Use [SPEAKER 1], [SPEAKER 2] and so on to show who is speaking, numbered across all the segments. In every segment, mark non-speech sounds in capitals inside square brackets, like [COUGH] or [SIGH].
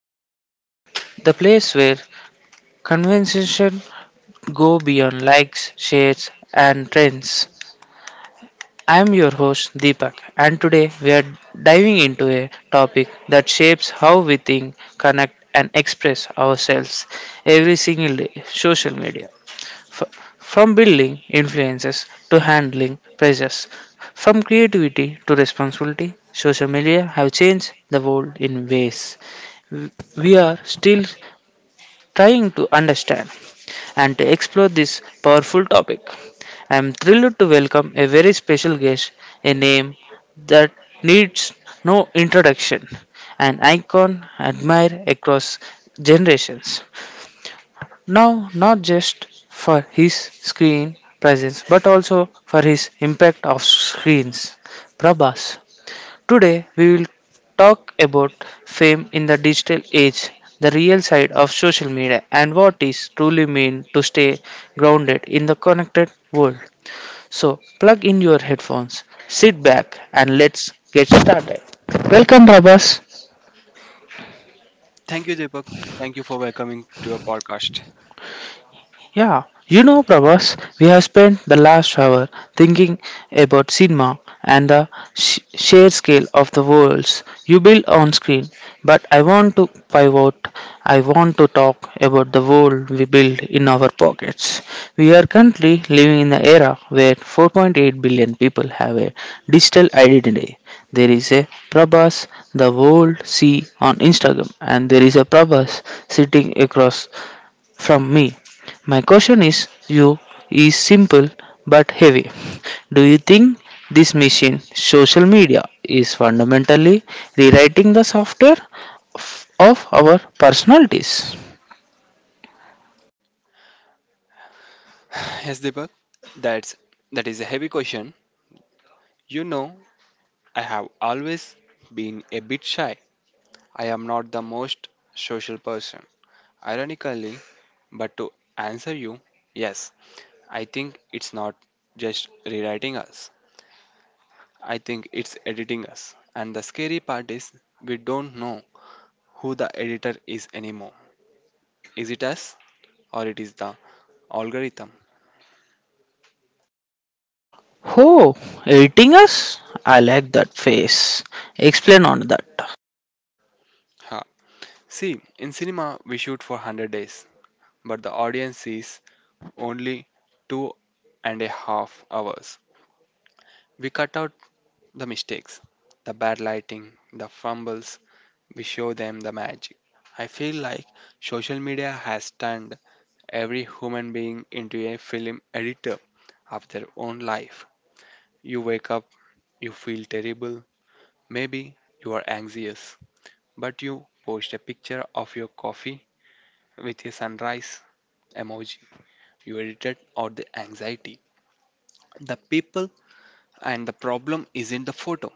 [SPEAKER 1] podcast, the place where conversations go beyond likes, shares, and trends. I'm your host Deepak, and today we are diving into a topic that shapes how we think, connect, and express ourselves every single day: social media. From building influences to handling pressures, from creativity to responsibility, social media have changed the world in ways we are still trying to understand and to explore this powerful topic. I am thrilled to welcome a very special guest, a name that needs no introduction, an icon admired across generations. Now, not just for his screen presence, but also for his impact of screens. Prabhas. Today, we will talk about fame in the digital age, the real side of social media, and what is truly mean to stay grounded in the connected world. So, plug in your headphones, sit back, and let's get started. Welcome, Prabhas.
[SPEAKER 2] Thank you, Deepak. Thank you for welcoming to your podcast.
[SPEAKER 1] Yeah, Prabhas, we have spent the last hour thinking about cinema and the sheer scale of the worlds you build on screen. But I want to pivot, I want to talk about the world we build in our pockets. We are currently living in an era where 4.8 billion people have a digital identity. There is a Prabhas the world see on Instagram and there is a Prabhas sitting across from me. My question is you is simple but heavy. Do you think this machine social media is fundamentally rewriting the software of our personalities?
[SPEAKER 2] Yes, Deepak, that's that is a heavy question. You know, I have always been a bit shy. I am not the most social person. Ironically, but to answer you, yes, I think it's not just rewriting us. I think it's editing us. And the scary part is we don't know who the editor is anymore. Is it us or it is the algorithm?
[SPEAKER 1] Oh, editing us? I like that face. Explain on that.
[SPEAKER 2] Ha, See, in cinema, we shoot for 100 days, but the audience sees only 2.5 hours. We cut out the mistakes, the bad lighting, the fumbles, we show them the magic. I feel like social media has turned every human being into a film editor of their own life. You wake up, you feel terrible, maybe you are anxious, but you post a picture of your coffee with a sunrise emoji. Irritated or the anxiety. The people and the problem isn't the photo.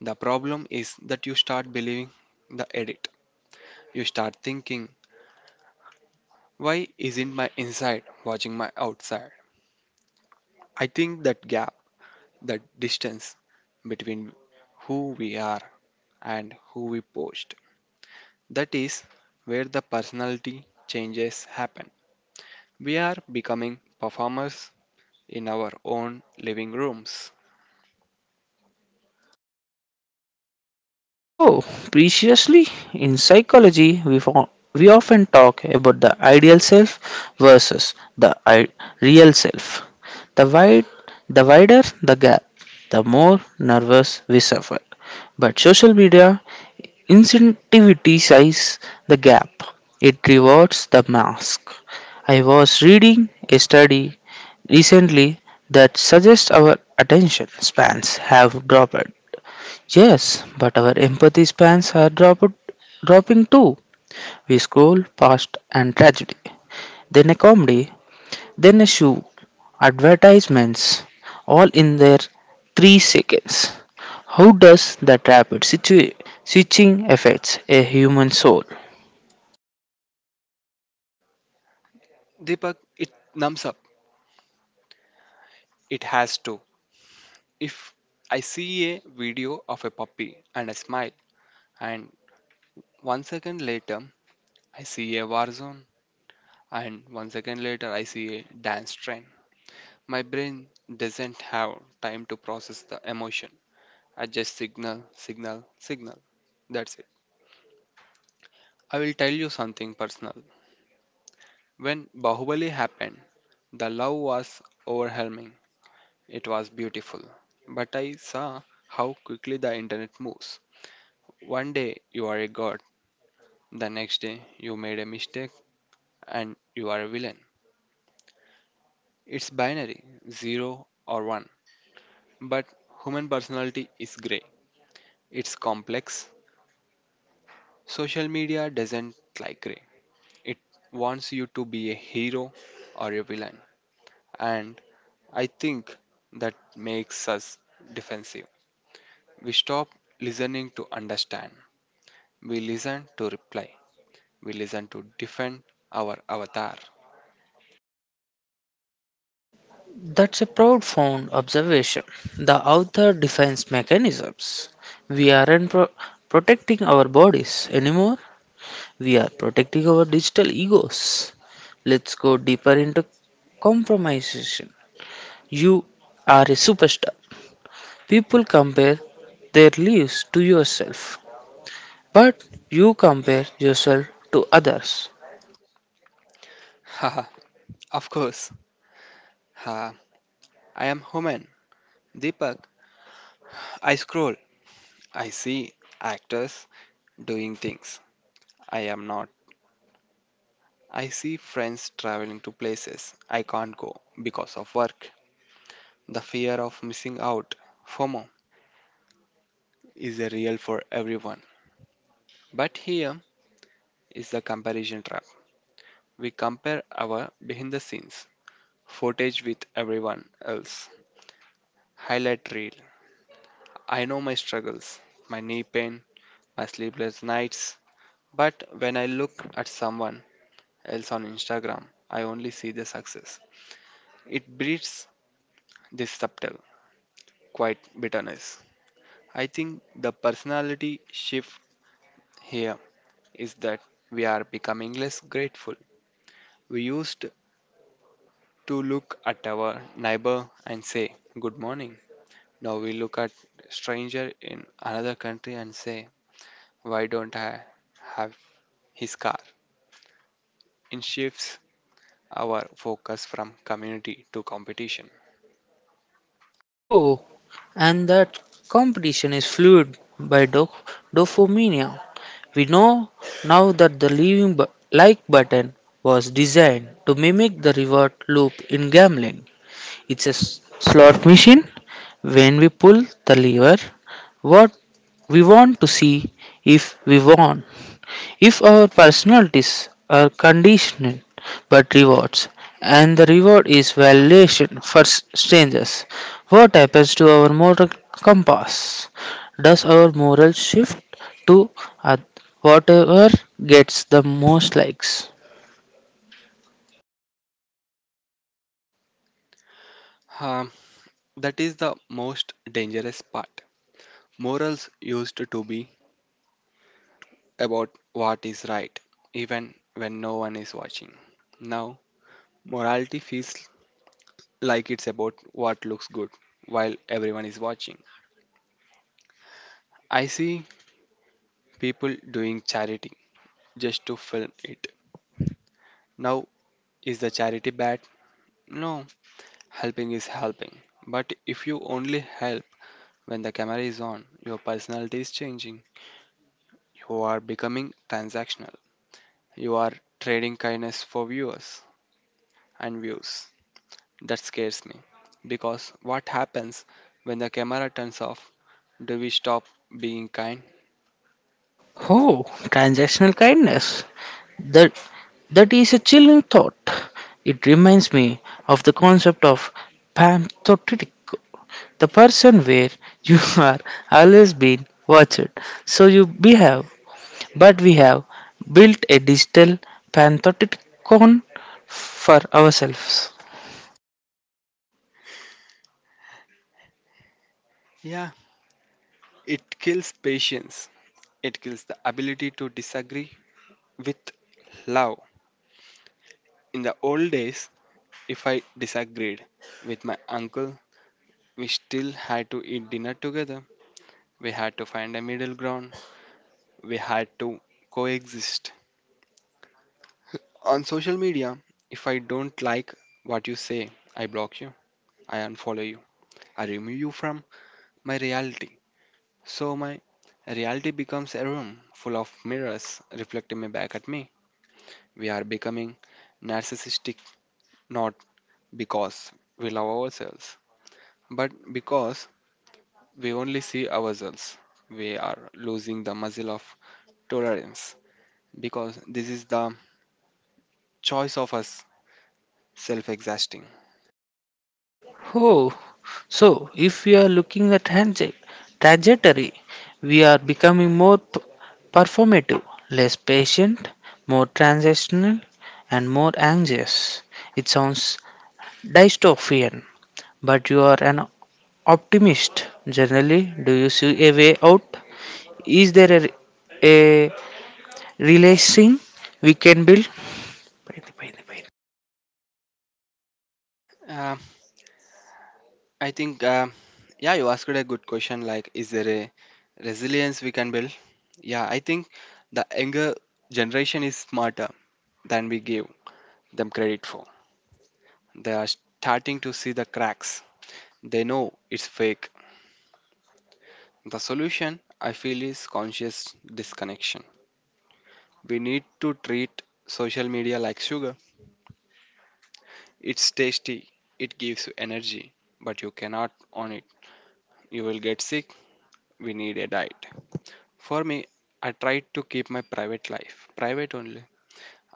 [SPEAKER 2] The problem is that you start believing the edit. You start thinking, why isn't my inside watching my outside? I think that gap, that distance between who we are and who we post, that is where the personality changes happen. We are becoming performers in our own living rooms.
[SPEAKER 1] Oh, preciously, in psychology, we often talk about the ideal self versus the real self. The, wide, the wider the gap, the more nervous we suffer. But social media incentivizes the gap, it rewards the mask. I was reading a study recently that suggests our attention spans have dropped. Yes, but our empathy spans are dropping too. We scroll past and tragedy, then a comedy, then a shoe, advertisements, all in their 3 seconds. How does that rapid switching affects a human soul?
[SPEAKER 2] Deepak, it numbs up. It has to. If I see a video of a puppy and I smile, and 1 second later I see a war zone, and 1 second later I see a dance train, my brain doesn't have time to process the emotion. I just signal, signal, signal. That's it. I will tell you something personal. When Bahubali happened, the love was overwhelming. It was beautiful. But I saw how quickly the internet moves. One day you are a god. The next day, you made a mistake and you are a villain. It's binary, 0 or 1. But human personality is gray. It's complex. Social media doesn't like gray. It wants you to be a hero or a villain. And I think that makes us defensive. We stop listening to understand. We listen to reply. We listen to defend our avatar.
[SPEAKER 1] That's a profound observation. The author defines mechanisms. We aren't protecting our bodies anymore. We are protecting our digital egos. Let's go deeper into compromisation. You are a superstar. People compare their lives to yourself, but you compare yourself to others.
[SPEAKER 2] [LAUGHS] Haha, of course. Ha, I am human. Deepak, I scroll. I see actors doing things I am not. I see friends traveling to places I can't go because of work. The fear of missing out, FOMO, is a real for everyone. But here is the comparison trap. We compare our behind the scenes footage with everyone else. Highlight reel. I know my struggles, my knee pain, my sleepless nights. But when I look at someone else on Instagram, I only see the success. It breeds this subtle, quiet bitterness. I think the personality shift here is that we are becoming less grateful. We used to look at our neighbor and say, "Good morning." Now we look at stranger in another country and say, "Why don't I have his car?" It shifts our focus from community to competition.
[SPEAKER 1] Oh, and that competition is fueled by dopamine. We know now that the leaving like button was designed to mimic the reward loop in gambling. It's a slot machine. When we pull the lever, what we want to see if we want. If our personalities are conditional but rewards, and the reward is validation for strangers, what happens to our moral compass? Does our moral shift to uh, whatever gets the most likes?
[SPEAKER 2] Um, that is the most dangerous part. Morals used to be about what is right, even when no one is watching. Now, morality feels like it's about what looks good while everyone is watching. I see people doing charity just to film it. Now, is the charity bad? No, helping is helping. But if you only help when the camera is on, your personality is changing. You are becoming transactional. You are trading kindness for viewers and views. That scares me because what happens when the camera turns off? Do we stop being kind?
[SPEAKER 1] Oh, transactional kindness. That that is a chilling thought. It reminds me of the concept of pamptotytico, the person where you [LAUGHS] are always being watched, so you behave. But we have built a digital panopticon for ourselves.
[SPEAKER 2] Yeah, it kills patience. It kills the ability to disagree with love. In the old days, if I disagreed with my uncle, we still had to eat dinner together. We had to find a middle ground. We had to coexist. On social media, if I don't like what you say, I block you, I unfollow you, I remove you from my reality. So my reality becomes a room full of mirrors reflecting me back at me. We are becoming narcissistic not because we love ourselves, but because we only see ourselves. We are losing the muscle of tolerance because this is the choice of us self-exhausting.
[SPEAKER 1] Oh, so if we are looking at trajectory, we are becoming more performative, less patient, more transactional, and more anxious. It sounds dystopian, but you are an optimist. Generally, do you see a way out? Is there a relaxing we can build?
[SPEAKER 2] I think, yeah, you asked a good question like, is there a resilience we can build? Yeah, I think the younger generation is smarter than we give them credit for. They are starting to see the cracks, they know it's fake. The solution, I feel, is conscious disconnection. We need to treat social media like sugar. It's tasty, it gives you energy, but you cannot on it. You will get sick, we need a diet. For me, I try to keep my private life private only.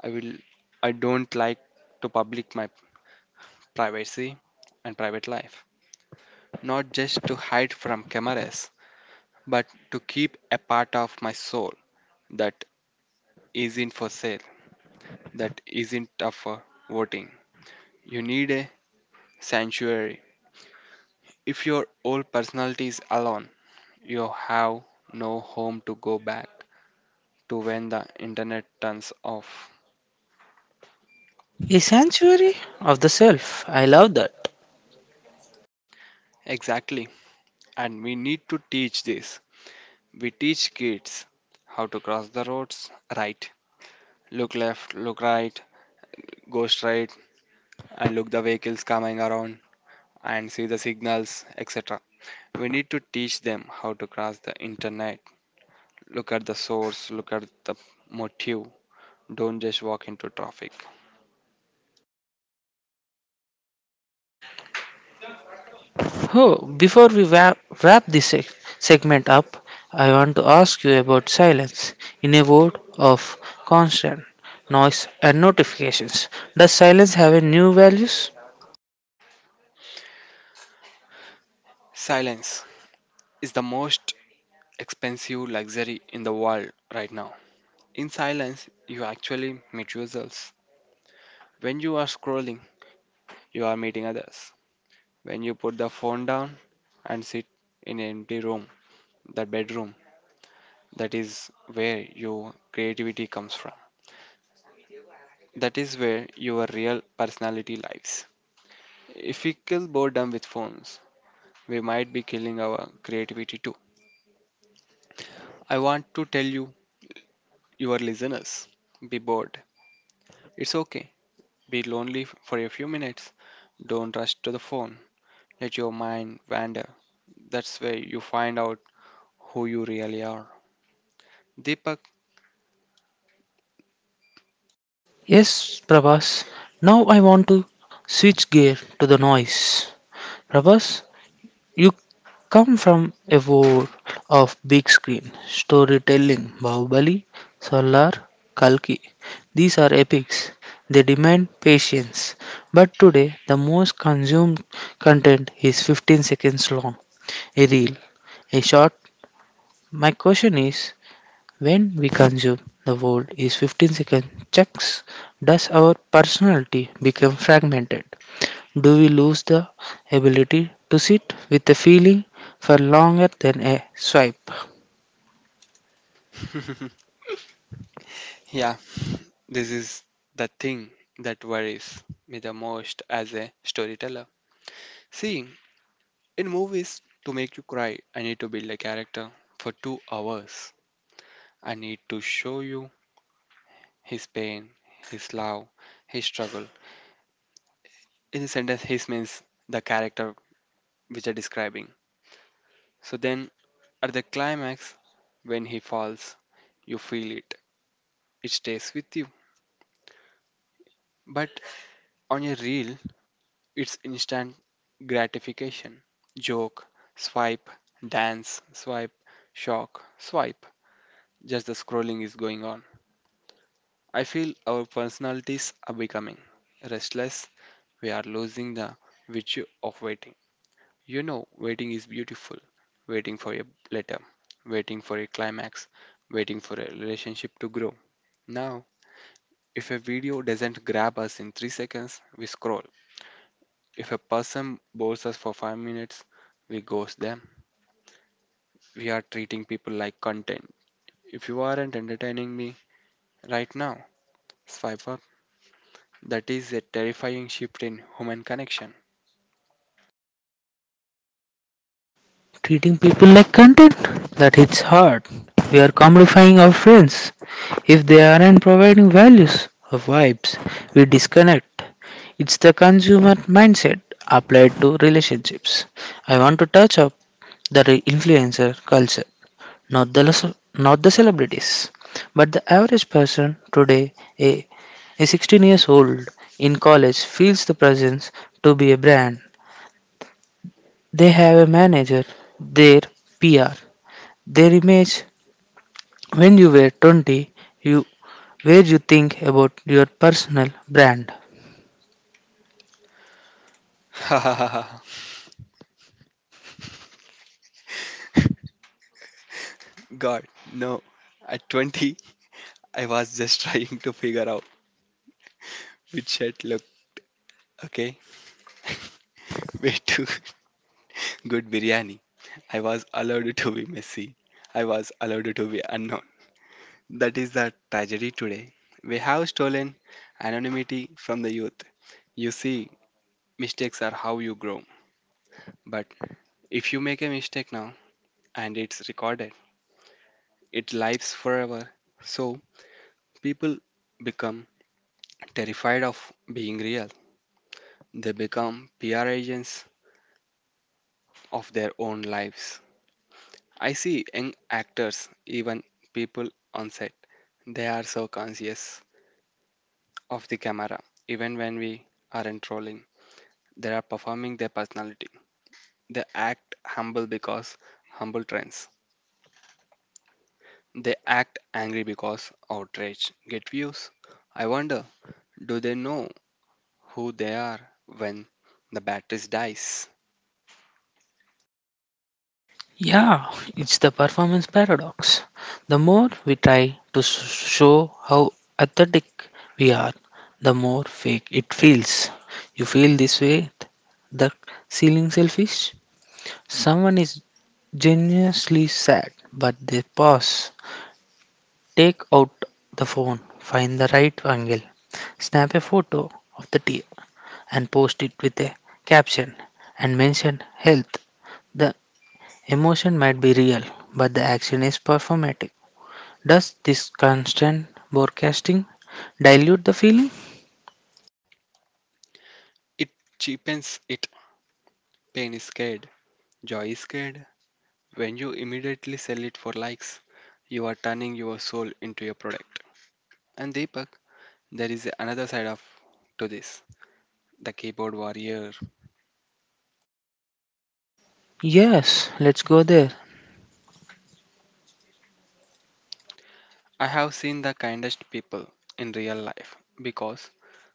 [SPEAKER 2] I will I don't like to public my privacy and private life. Not just to hide from cameras, but to keep a part of my soul that isn't for sale, that isn't up for voting. You need a sanctuary. If your old personality is alone, you have no home to go back to when the internet turns off.
[SPEAKER 1] A sanctuary of the self. I love that.
[SPEAKER 2] Exactly. And we need to teach this. We teach kids how to cross the roads right, look left, look right, go straight, and look the vehicles coming around and see the signals, etc. We need to teach them how to cross the internet, look at the source, look at the motive, don't just walk into traffic.
[SPEAKER 1] Oh, before we wrap this segment up, I want to ask you about silence. In a world of constant noise and notifications, does silence have a new values?
[SPEAKER 2] Silence is the most expensive luxury in the world right now. In silence, you actually meet yourselves. When you are scrolling, you are meeting others. When you put the phone down and sit in an empty room, that bedroom, that is where your creativity comes from. That is where your real personality lives. If we kill boredom with phones, we might be killing our creativity too. I want to tell you, your listeners, be bored. It's okay. Be lonely for a few minutes. Don't rush to the phone. Let your mind wander. That's where you find out who you really are. Deepak.
[SPEAKER 1] Yes, Prabhas. Now I want to switch gear to the noise. Prabhas, you come from a world of big screen storytelling, Bahubali, Solar, Kalki. These are epics. They demand patience. But today, the most consumed content is 15 seconds long, a reel, a short. My question is when we consume the world is 15-second chunks, does our personality become fragmented? Do we lose the ability to sit with a feeling for longer than a swipe?
[SPEAKER 2] [LAUGHS] Yeah, this is the thing that worries me the most as a storyteller. See, in movies, to make you cry, I need to build a character for 2 hours. I need to show you his pain, his love, his struggle. In a sentence, his means the character which I'm describing. So then, at the climax, when he falls, you feel it. It stays with you. But on a reel, it's instant gratification. Joke, swipe, dance, swipe, shock, swipe. Just the scrolling is going on. I feel our personalities are becoming restless. We are losing the virtue of waiting. You know, waiting is beautiful. Waiting for a letter, waiting for a climax, waiting for a relationship to grow. Now, if a video doesn't grab us in 3 seconds, we scroll. If a person bores us for 5 minutes, we ghost them. We are treating people like content. If you aren't entertaining me right now, swipe up. That is a terrifying shift in human connection.
[SPEAKER 1] Treating people like content? That hits hard. We are commodifying our friends. If they aren't providing values or vibes, we disconnect. It's the consumer mindset applied to relationships. I want to touch up the influencer culture, not the les- not the celebrities, but the average person today, a, a 16 years old in college, feels the presence to be a brand. They have a manager, their PR, their image. When you were 20, you where you think about your personal brand.
[SPEAKER 2] [LAUGHS] God, no. At 20, I was just [LAUGHS] trying to figure out which shirt look okay. [LAUGHS] Way too [LAUGHS] good biryani. I was allowed to be messy. I was allowed to be unknown. That is the tragedy today. We have stolen anonymity from the youth. You see, mistakes are how you grow. But if you make a mistake now and it's recorded, it lives forever. So people become terrified of being real. They become PR agents of their own lives. I see young actors, even people on set, they are so conscious of the camera, even when we aren't trolling. They are performing their personality. They act humble because humble trends. They act angry because outrage get views. I wonder, do they know who they are when the batteries dies?
[SPEAKER 1] Yeah, it's the performance paradox. The more we try to show how athletic we are, the more fake it feels. You feel this way, the ceiling selfish. Someone is genuinely sad, but they pause, take out the phone, find the right angle, snap a photo of the tear, and post it with a caption and mention health. The emotion might be real, but the action is performatic. Does this constant broadcasting dilute the feeling?
[SPEAKER 2] It cheapens it. Pain is scared. Joy is scared. When you immediately sell it for likes, you are turning your soul into your product. And Deepak, there is another side of to this. The keyboard warrior.
[SPEAKER 1] Yes, let's go there.
[SPEAKER 2] I have seen the kindest people in real life because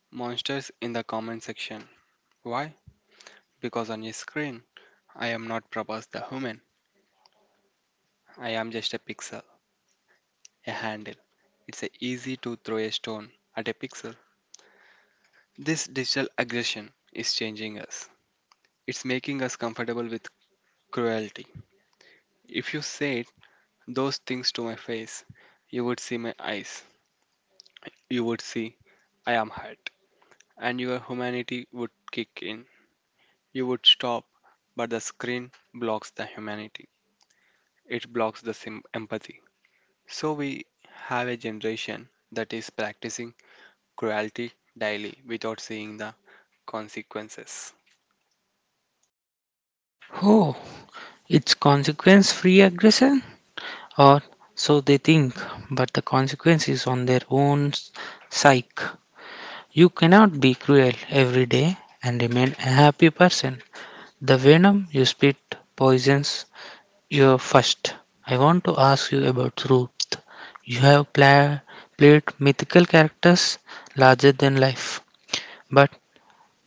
[SPEAKER 2] monsters in the comment section. Why? Because on your screen, I am not Prabhas the human. I am just a pixel. A handle. It's a easy to throw a stone at a pixel. This digital aggression is changing us. It's making us comfortable with cruelty. If you said those things to my face, you would see my eyes. You would see I am hurt. And your humanity would kick in. You would stop, but the screen blocks the humanity. It blocks the empathy. So we have a generation that is practicing cruelty daily without seeing the consequences.
[SPEAKER 1] Oh, it's consequence free aggression? Or so they think, but the consequence is on their own psyche. You cannot be cruel every day and remain a happy person. The venom you spit poisons. Your first, I want to ask you about Ruth. You have played mythical characters larger than life, but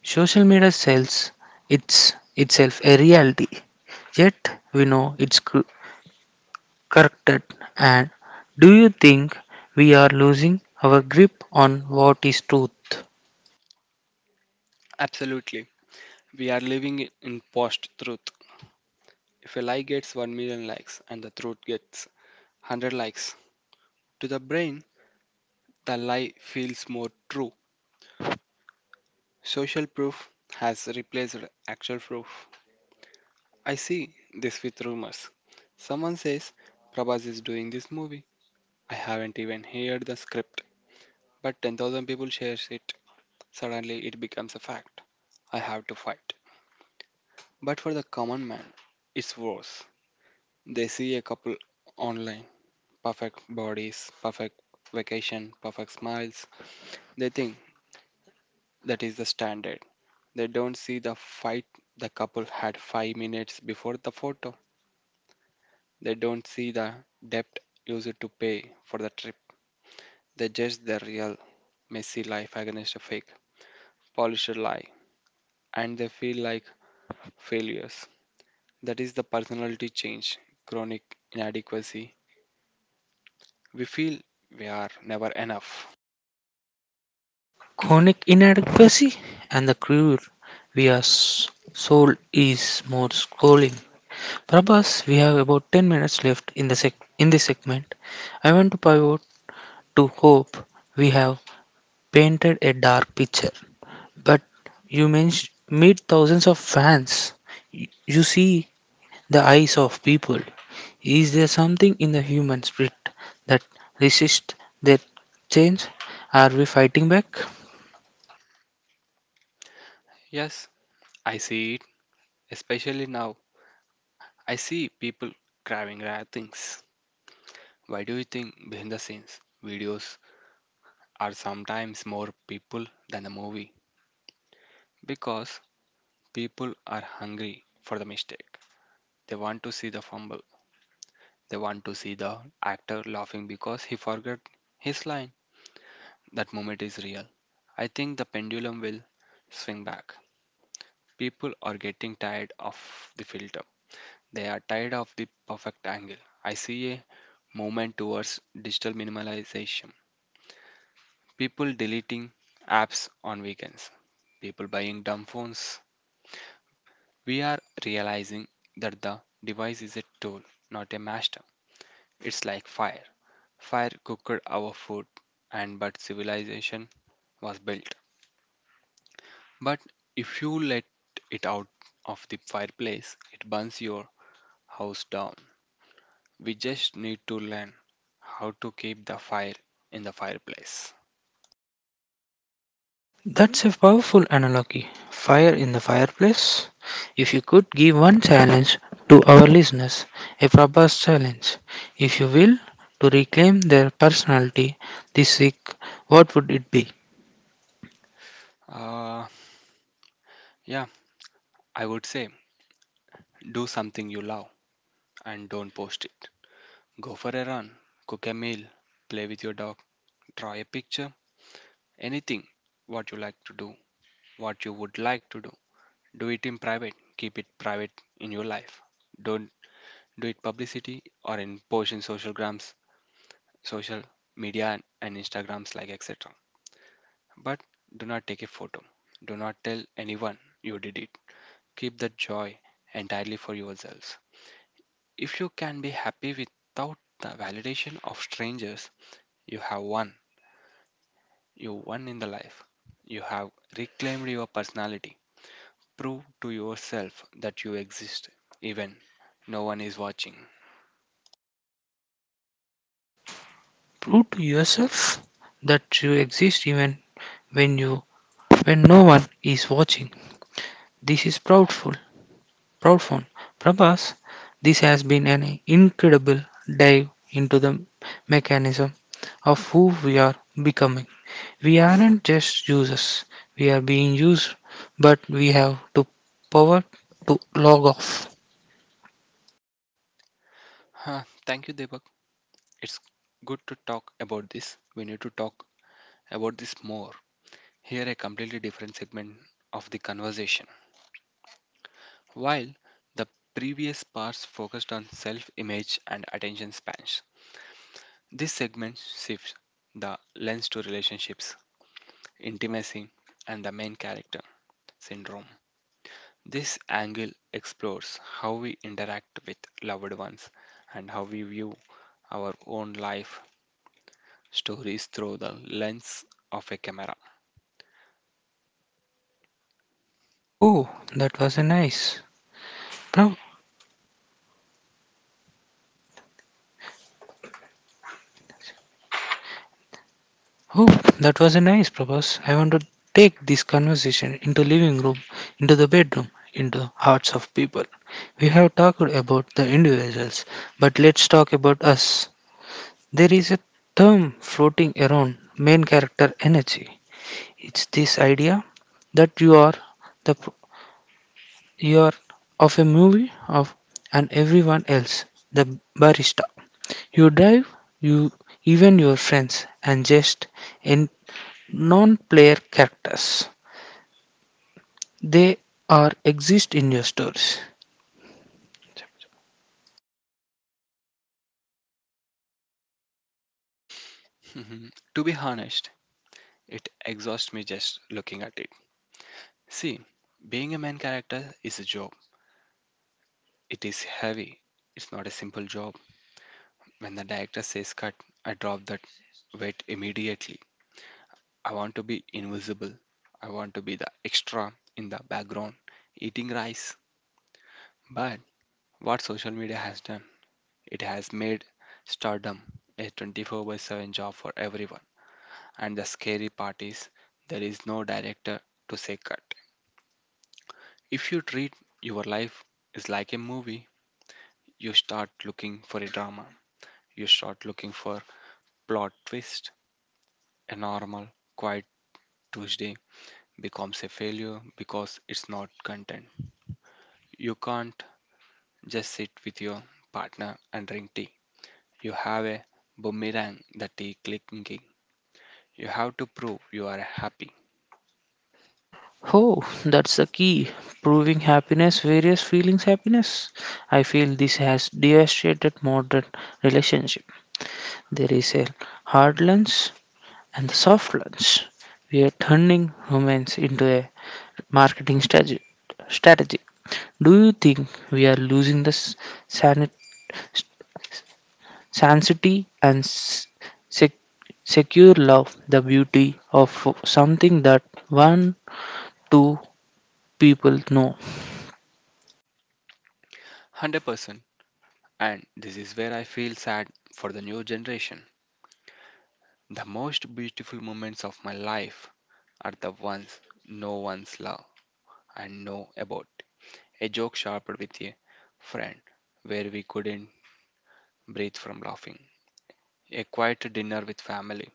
[SPEAKER 1] social media sells itself a reality. Yet we know it's corrupted. And do you think we are losing our grip on what is truth?
[SPEAKER 2] Absolutely. We are living in post truth. If a lie gets 1 million likes and the truth gets 100 likes, to the brain, the lie feels more true. Social proof has replaced actual proof. I see this with rumors. Someone says Prabhas is doing this movie. I haven't even heard the script, but 10,000 people shares it. Suddenly, it becomes a fact. I have to fight. But for the common man, it's worse. They see a couple online, perfect bodies, perfect vacation, perfect smiles. They think that is the standard. They don't see the fight the couple had 5 minutes before the photo. They don't see the debt used to pay for the trip. They judge the real, messy life against a fake, polished lie, and they feel like failures. That is the personality change, chronic inadequacy. We feel we are never enough.
[SPEAKER 1] Chronic inadequacy, and the cure we are sold is more scrolling. Prabhas, we have about 10 minutes left in this segment. I want to pivot to hope. We have painted a dark picture, but you meet thousands of fans. You see the eyes of people. Is there something in the human spirit that resists that change? Are we fighting back?
[SPEAKER 2] Yes, I see it, especially now. I see people craving rare things. Why do you think behind the scenes videos are sometimes more people than the movie? Because people are hungry for the mistake. They want to see the fumble. They want to see the actor laughing because he forgot his line. That moment is real. I think the pendulum will swing back. People are getting tired of the filter. They are tired of the perfect angle. I see a movement towards digital minimalization. People deleting apps on weekends, people buying dumb phones. We are realizing that the device is a tool, not a master. It's like fire. Fire cooked our food, and but civilization was built. But if you let it out of the fireplace, it burns your house down. We just need to learn how to keep the fire in the fireplace.
[SPEAKER 1] That's a powerful analogy. Fire in the fireplace. If you could give one challenge to our listeners, a robust challenge, if you will, to reclaim their personality this week, what would it be?
[SPEAKER 2] Uh, yeah, I would say do something you love and don't post it. Go for a run, cook a meal, play with your dog, draw a picture, anything what you like to do, what you would like to do. Do it in private, keep it private in your life. Don't do it publicity or in post in social grams, social media and Instagrams like etc. But do not take a photo. Do not tell anyone you did it. Keep the joy entirely for yourselves. If you can be happy without the validation of strangers, you have won. You won in the life. You have reclaimed your personality. Prove to yourself that you exist, even no one is watching.
[SPEAKER 1] Prove to yourself that you exist even when you when no one is watching. This is proudful. Prabhas, this has been an incredible dive into the mechanism of who we are becoming. We aren't just users, we are being used, but we have to power to log off.
[SPEAKER 2] Huh, thank you, Deepak. It's good to talk about this. We need to talk about this more. Here, a completely different segment of the conversation. While the previous parts focused on self image and attention spans, this segment shifts the lens to relationships, intimacy, and the main character syndrome. This angle explores how we interact with loved ones and how we view our own life stories through the lens of a camera.
[SPEAKER 1] Oh, that was a nice. Pro- oh, that was a nice purpose. I want to take this conversation into living room, into the bedroom, into hearts of people. We have talked about the individuals, but let's talk about us. There is a term floating around main character energy. It's this idea that you are the You're of a movie of and everyone else, the barista. You drive, you even your friends, and just in non-player characters. They are exist in your stories.
[SPEAKER 2] Mhm. To be honest, it exhausts me just looking at it. See, being a main character is a job. It is heavy. It's not a simple job. When the director says cut, I drop that weight immediately. I want to be invisible. I want to be the extra in the background eating rice. But what social media has done, it has made stardom a 24 by 7 job for everyone. And the scary part is there is no director to say cut. If you treat your life is like a movie, you start looking for a drama. You start looking for plot twist. A normal, quiet Tuesday becomes a failure because it's not content. You can't just sit with your partner and drink tea. You have a boomerang that is clicking. You have to prove you are happy.
[SPEAKER 1] Oh, that's the key. Proving happiness, various feelings happiness. I feel this has devastated modern relationship. There is a hard lens and the soft lens. We are turning romance into a marketing strategy. Do you think we are losing the sanit- sanctity and sec- secure love, the beauty of something that one, two people know?
[SPEAKER 2] 100%. And this is where I feel sad for the new generation. The most beautiful moments of my life are the ones no one's love and know about. A joke sharpened with a friend where we couldn't breathe from laughing. A quiet dinner with family.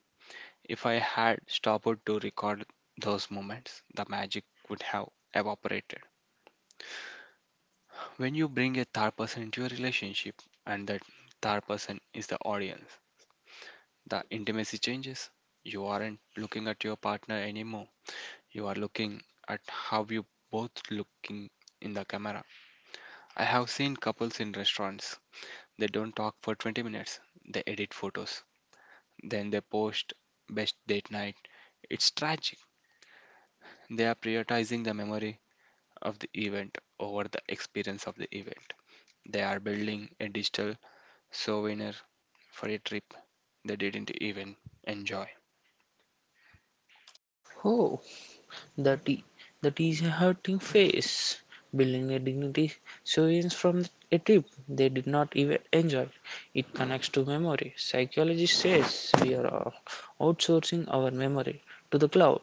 [SPEAKER 2] If I had stopped to record those moments, the magic would have evaporated. When you bring a third person into your relationship and that third person is the audience, the intimacy changes. You aren't looking at your partner anymore. You are looking at how you both looking in the camera. I have seen couples in restaurants. They don't talk for 20 minutes. They edit photos. Then they post best date night. It's tragic. They are prioritizing the memory of the event over the experience of the event. They are building a digital souvenir for a trip they didn't even enjoy.
[SPEAKER 1] Oh, the tea. That is a hurting face. Building a dignity sources from a trip they did not even enjoy. It connects to memory. Psychology says we are outsourcing our memory to the cloud.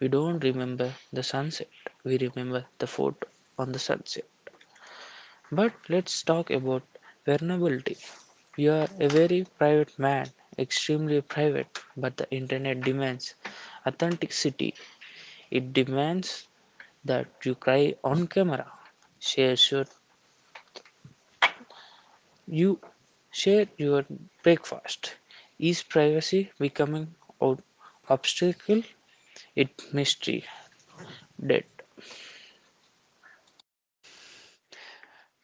[SPEAKER 1] We don't remember the sunset, we remember the photo on the sunset. But let's talk about vulnerability. You are a very private man, extremely private, but the internet demands authenticity. It demands that you cry on camera, share your you share your breakfast. Is privacy becoming an obstacle? It mystery dead.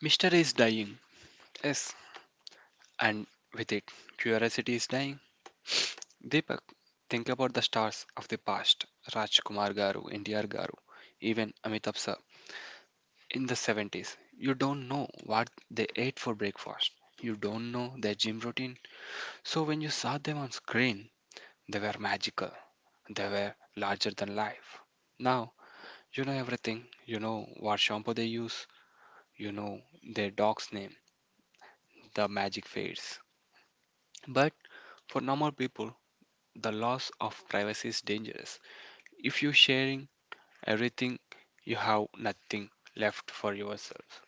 [SPEAKER 2] Mystery is dying, yes, and with it, curiosity is dying. Deepak, think about the stars of the past Rajkumar Garu, NTR Garu, even Amitabh sir. In the 70s, you don't know what they ate for breakfast, you don't know their gym routine. So when you saw them on screen, they were magical. They were larger than life. Now, you know everything. You know what shampoo they use. You know their dog's name. The magic fades. But for normal people, the loss of privacy is dangerous. If you're sharing everything, you have nothing left for yourself.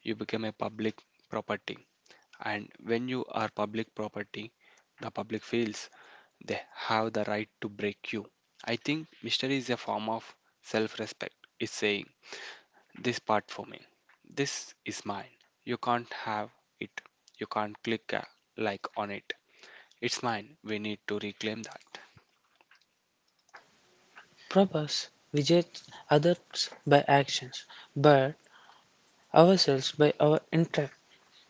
[SPEAKER 2] You become a public property. And when you are public property, the public feels they have the right to break you. I think mystery is a form of self respect. It's saying, this part for me. This is mine. You can't have it. You can't click a like on it. It's mine. We need to reclaim that.
[SPEAKER 1] Robots, we judge others by actions, but ourselves by our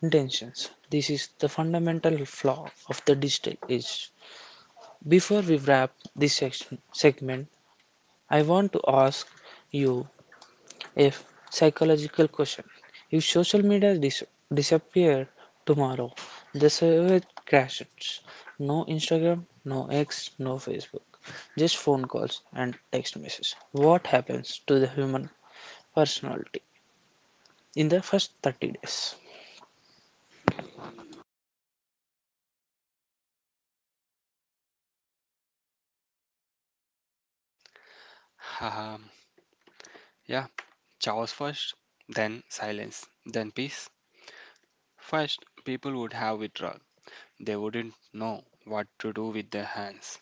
[SPEAKER 1] intentions. This is the fundamental flaw of the digital age. Before we wrap this segment, I want to ask you a psychological question. If social media disappeared tomorrow, the server crashes. No Instagram, no X, no Facebook, just phone calls and text messages. What happens to the human personality in the first 30 days?
[SPEAKER 2] Haha, yeah. Chaos first, then silence, then peace. First, people would have withdrawal. They wouldn't know what to do with their hands.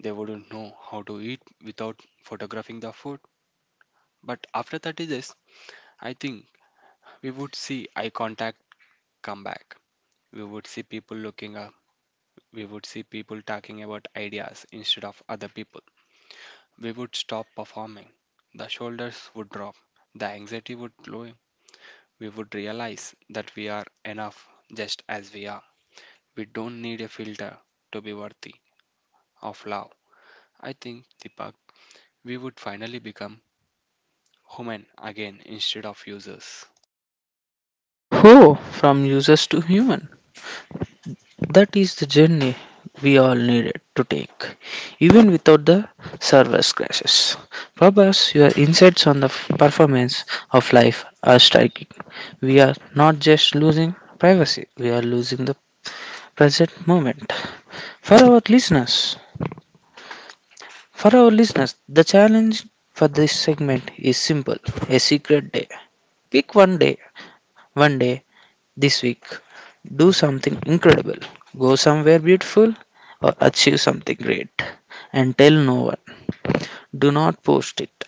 [SPEAKER 2] They wouldn't know how to eat without photographing the food. But after 30 days, I think we would see eye contact come back. We would see people looking up, we would see people talking about ideas instead of other people. We would stop performing. The shoulders would drop. The anxiety would low. We would realize that we are enough just as we are. We don't need a filter to be worthy of love. I think, Deepak, we would finally become human again instead of users.
[SPEAKER 1] Who, from users to human? That is the journey we all needed to take, even without the service crashes. Prabhas, your insights on the performance of life are striking. We are not just losing privacy, we are losing the present moment. For our listeners, for our listeners, the challenge for this segment is simple: a secret day. Pick one day this week. Do something incredible, go somewhere beautiful, or achieve something great. And tell no one. Do not post it,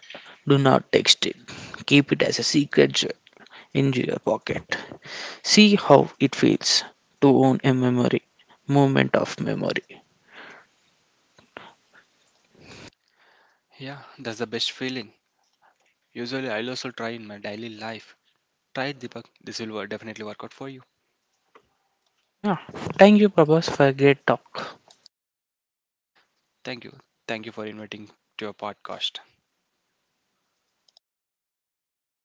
[SPEAKER 1] do not text it. Keep it as a secret gem in your pocket. See how it feels to own a memory, moment of memory.
[SPEAKER 2] Yeah, that's the best feeling. Usually, I'll also try in my daily life. Try it, Deepak. This will definitely work out for you.
[SPEAKER 1] Yeah. Thank you, Prabhas, for a great talk.
[SPEAKER 2] Thank you. Thank you for inviting to your podcast.